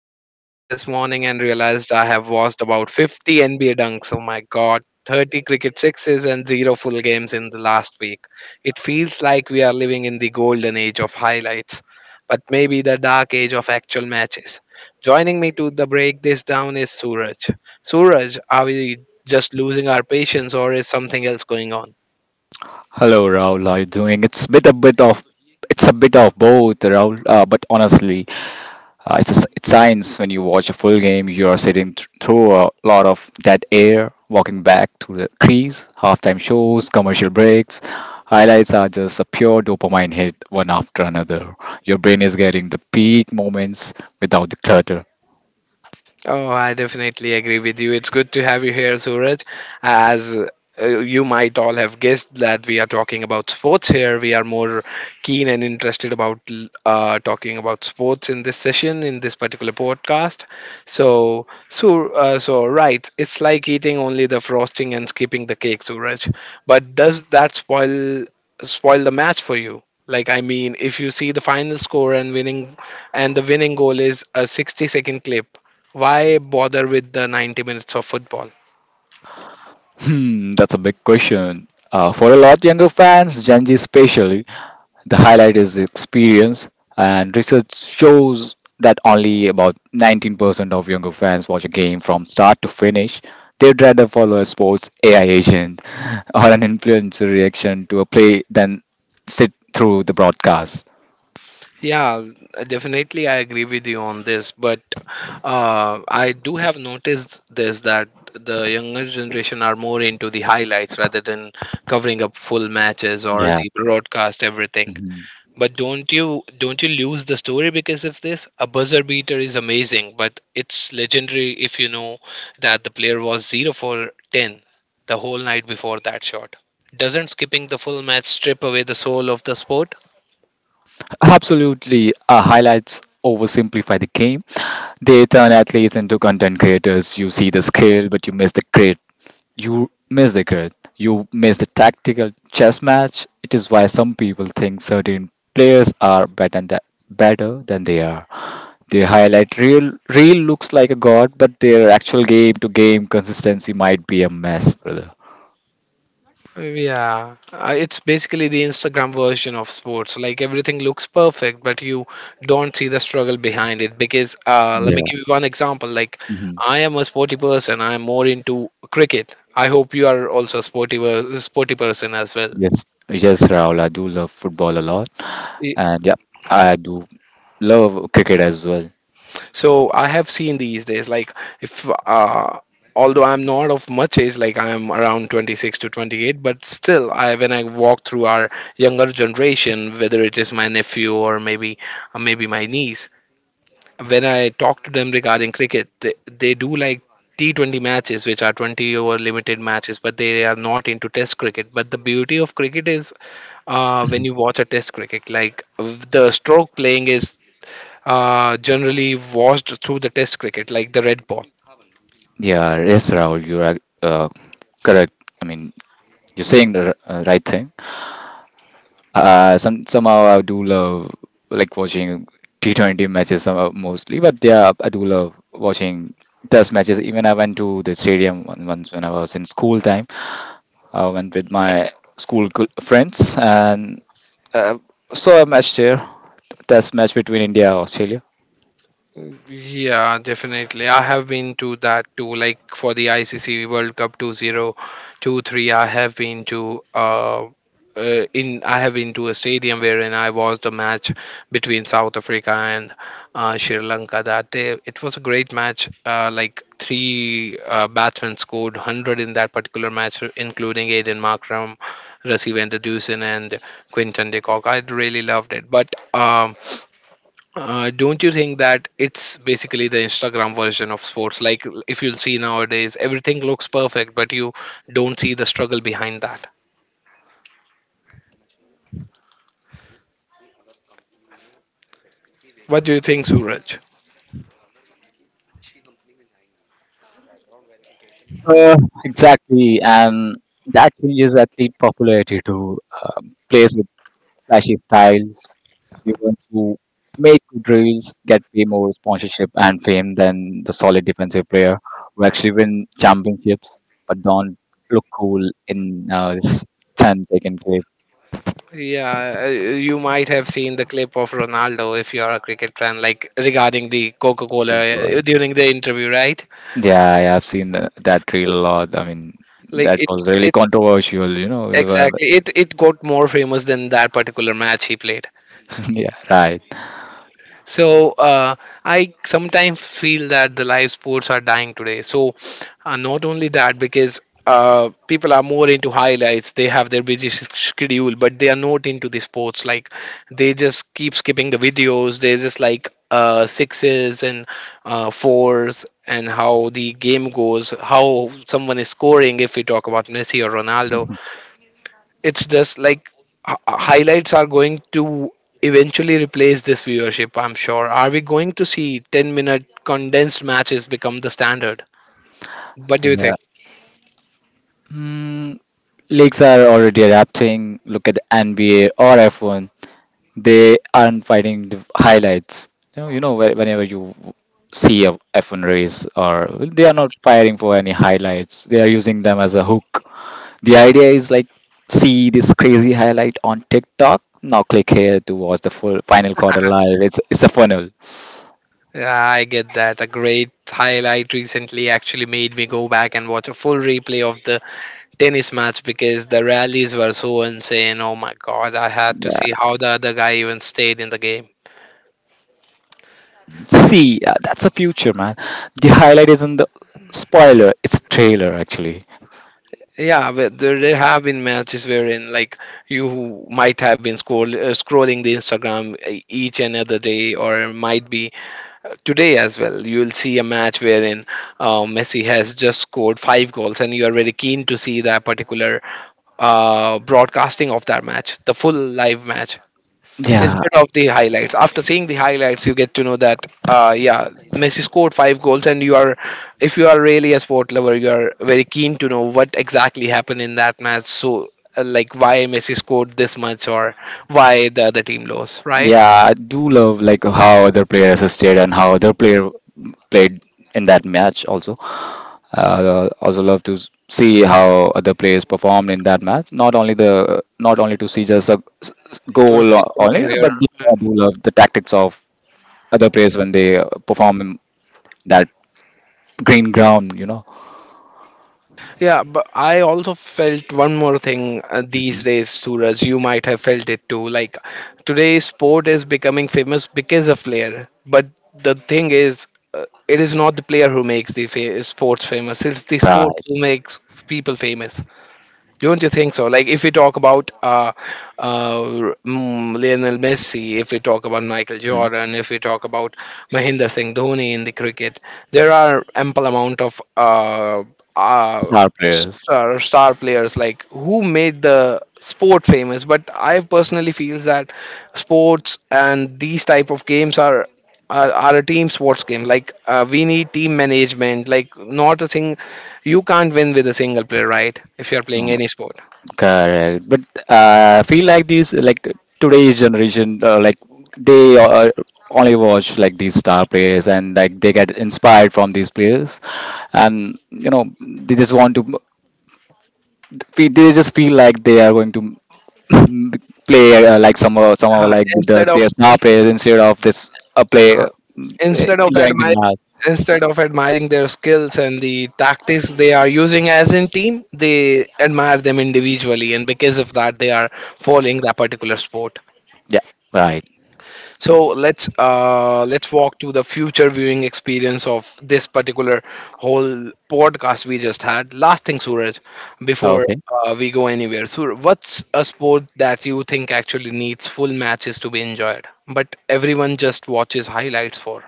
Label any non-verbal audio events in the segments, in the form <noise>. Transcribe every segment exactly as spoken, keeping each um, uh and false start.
through my feed this morning and realized I have watched about fifty N B A dunks. Oh my god, thirty cricket sixes and zero full games in the last week. It feels like we are living in the golden age of highlights, but maybe the dark age of actual matches. Joining me to the break this down is Suraj. Suraj, are we just losing our patience or is something else going on? Hello, Raul. How you doing? It's bit a bit of it's a bit of both, Raul. Uh, but honestly, uh, it's a, s- it's science. When you watch a full game, you are sitting th- through a lot of dead air, walking back to the crease, halftime shows, commercial breaks. Highlights are just a pure dopamine hit, one after another. Your brain is getting the peak moments without the clutter. Oh, I definitely agree with you. It's good to have you here, Suraj. As uh, you might all have guessed that we are talking about sports here. We are more keen and interested about l- uh, talking about sports in this session, in this particular podcast. So, so, uh, so right, it's like eating only the frosting and skipping the cake, Suraj. But does that spoil spoil the match for you? Like, I mean, if you see the final score and winning, and the winning goal is a sixty-second clip, why bother with the ninety minutes of football? Hmm, that's a big question. Uh, for a lot younger fans, Gen Z especially, the highlight is the experience, and research shows that only about nineteen percent of younger fans watch a game from start to finish. They'd rather follow a sports A I agent <laughs> or an influencer reaction to a play than sit through the broadcast. Yeah, definitely I agree with you on this, but uh, I do have noticed this that the younger generation are more into the highlights rather than covering up full matches or Yeah. the broadcast everything. But don't you don't you lose the story because of this? A buzzer beater is amazing, but it's legendary if you know that the player was zero for ten the whole night before that shot. Doesn't skipping the full match strip away the soul of the sport? Absolutely, uh, highlights oversimplify the game. They turn athletes into content creators. You see the skill, but you miss the grit. You miss the grit. You miss the tactical chess match. It is why some people think certain players are better than, better than they are. They highlight real real looks like a god, but their actual game to game consistency might be a mess, brother. Yeah, uh, it's basically the Instagram version of sports. Like everything looks perfect, but you don't see the struggle behind it. Because uh, let me Yeah. give you one example. Like hmm I am a sporty person. I am more into cricket. I hope you are also a sporty, per- sporty person as well. Yes. Yes, Raul, I do love football a lot, and yeah, I do love cricket as well. So I have seen these days, like if uh, although I'm not of much age, like I'm around twenty-six to twenty-eight, but still, I when I walk through our younger generation, whether it is my nephew or maybe uh, maybe my niece, when I talk to them regarding cricket, they, they do like T twenty matches, which are twenty over limited matches, but they are not into Test cricket. But the beauty of cricket is uh, when you watch a Test cricket, like the stroke playing is uh, generally washed through the test cricket, like the red ball. Yeah, yes, Rahul, you're ac- uh, correct. I mean, you're saying the r- uh, right thing. Uh, some somehow I do love like watching T twenty matches somehow mostly, but yeah, I do love watching test matches. Even I went to the stadium on- once when I was in school time. I went with my school co- friends and uh, saw a match there, test match between India and Australia. Yeah, definitely. I have been to that too. Like for the I C C World Cup two thousand twenty-three, I have been to uh, uh, in I have been to a stadium wherein I watched the match between South Africa and uh, Sri Lanka that day. It was a great match. Uh, like three uh, batsmen scored one hundred in that particular match, including Aiden Markram, Rassie van der Dusen, and Quinton de Kock. I really loved it. But um, uh, don't you think that it's basically the Instagram version of sports? Like, if you'll see nowadays, everything looks perfect, but you don't see the struggle behind that. What do you think, Suraj? Uh, exactly, and that changes athlete popularity to um, players with flashy styles. The ones who made good drills get way more sponsorship and fame than the solid defensive player who actually win championships but don't look cool in uh, this ten second clip Yeah, uh, you might have seen the clip of Ronaldo if you are a cricket fan, like regarding the Coca-Cola football. uh, during the interview, right? Yeah, yeah, I've seen tha- that reel a lot. I mean, Like that it, was really it controversial, you know. exactly. <laughs> It it got more famous than that particular match he played. Yeah, right. So uh, I sometimes feel that the live sports are dying today. So uh, not only that, because uh, people are more into highlights, they have their busy s- schedule, but they are not into the sports. Like they just keep skipping the videos. They just like uh, sixes and uh, fours and how the game goes, how someone is scoring. If we talk about Messi or Ronaldo, it's just like h- highlights are going to eventually replace this viewership. I'm sure, are we going to see ten minute condensed matches become the standard? What do you think? <laughs> Yeah. Leagues are already adapting. Look at the N B A or F one. They aren't finding the highlights. You know, you know whe- whenever you see a F one race, or well, they are not Mhm. firing for any highlights. They are using them as a hook. The idea is like, see this crazy highlight on TikTok. Now click here to watch the full final quarter live. It's it's a funnel. Yeah, I get that. A great highlight recently actually made me go back and watch a full replay of the tennis match because the rallies were so insane. Oh my god, I had to see Yeah. how the other guy even stayed in the game. See, uh, that's a future, man. The highlight isn't the spoiler; it's a trailer, actually. Yeah, but there there have been matches wherein like you might have been scroll uh, scrolling the Instagram e- each and other day, or might be uh, today as well. You'll see a match wherein uh, Messi has just scored five goals, and you are very keen to see that particular uh, broadcasting of that match, the full live match Yeah, instead of the highlights. After seeing the highlights, you get to know that uh, yeah, Messi scored five goals, and you are, if you are really a sport lover, you are very keen to know what exactly happened in that match. So uh, like why Messi scored this much or why the other team lost, right? yeah, I do love like how other player assisted and how other player played in that match also. Uh, also love to s- see how other players performed in that match. Not only the not only to see just a s- s- Most goal o- equal only, player. but I do love the tactics of other players when they uh, perform in that green ground. You know, Yeah, but I also felt one more thing uh, these days, Suraj. You might have felt it too. Like today's sport is becoming famous because of player. But the thing is, uh, it is not the player who makes the fa- sports famous. It's the sports right. who makes people famous. Don't you think so? Like, if we talk about uh, uh, mm, Lionel Messi, if we talk about Michael Mhm. Jordan, if we talk about Mahendra Singh Dhoni in the cricket, there are ample amount of uh, uh, Star players. star, star players like who made the sport famous. But I personally feels that sports and these type of games are are, are a team sports game. Like uh, we need team management. Like not a thing, you can't win with a single player, right? If you're playing any sport. Correct, but uh, I feel like these like today's generation uh, like they uh, only watch like these star players and like they get inspired from these players, and you know they just want to fe- they just feel like they are going to <clears throat> play uh, like some or- some or Uh, like the instead of their star players instead of this uh, play uh, instead of enjoying the admiring match. Instead of admiring their skills and the tactics they are using as in team, they admire them individually, and because of that they are following that particular sport. Yeah, right. So let's uh, let's walk to the future viewing experience of this particular whole podcast we just had. Last thing, Suraj, before Okay. uh, we go anywhere, Suraj, what's a sport that you think actually needs full matches to be enjoyed, but everyone just watches highlights for?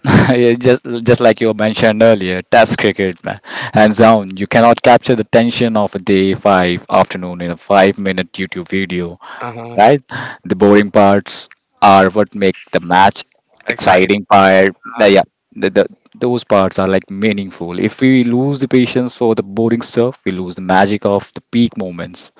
<laughs> Yeah, just just like you mentioned earlier, Test cricket, man, hands down, you cannot capture the tension of a day five afternoon in a five minute YouTube video, Uh-huh. right? The boring parts are what make the match Excite. exciting part. uh, Yeah, the, the, those parts are like meaningful. If we lose the patience for the boring stuff, we lose the magic of the peak moments.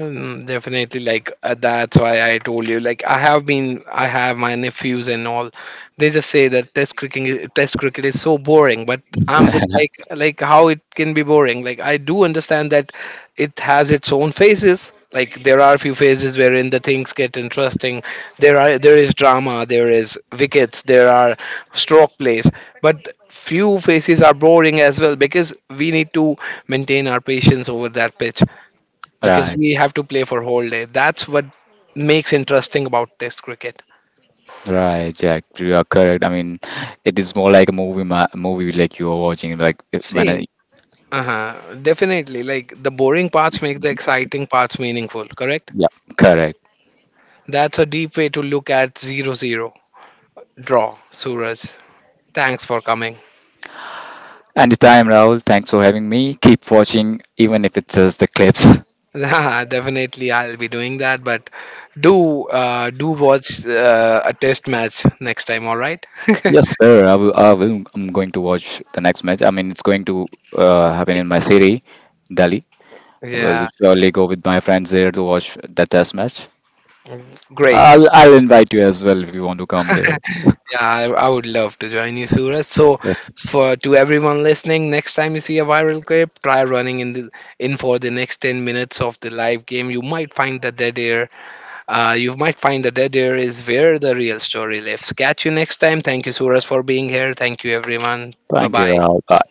Mm, definitely, like uh, that's why I told you. Like I have been, I have my nephews and all. They just say that test cricket, is- test cricket is so boring. But I'm just like, <laughs> like how it can be boring. Like I do understand that it has its own phases. Like there are a few phases wherein the things get interesting. There are there is drama, there is wickets, there are stroke plays. But few phases are boring as well because we need to maintain our patience over that pitch because Right, we have to play for whole day. That's what makes interesting about Test cricket. right, Jack. You are correct. I mean, it is more like a movie, ma movie like you are watching. Like uh, when See, a uh definitely. Like the boring parts make the exciting parts meaningful. Correct? Yeah, correct. That's a deep way to look at zero zero draw. Suraj, thanks for coming. Anytime, Rahul. Thanks for having me. Keep watching, even if it's just the clips. <laughs> <laughs> definitely, I'll be doing that. But do uh, do watch uh, a test match next time. All right? Yes, sir. I will, I will. I'm going to watch the next match. I mean, it's going to uh, happen in my city, Delhi. <laughs> I will yeah, surely go with my friends there to watch that test match. great. I'll, I'll invite you as well if you want to come there. <laughs> Yeah, I, I would love to join you, Suraj. So, for to everyone listening, next time you see a viral clip, try running in the in for the next ten minutes of the live game. You might find the dead air. Uh, you might find the dead air is where the real story lives. Catch you next time. Thank you, Suraj, for being here. Thank you, everyone. Bye Thank you, bye. Rahul. Bye.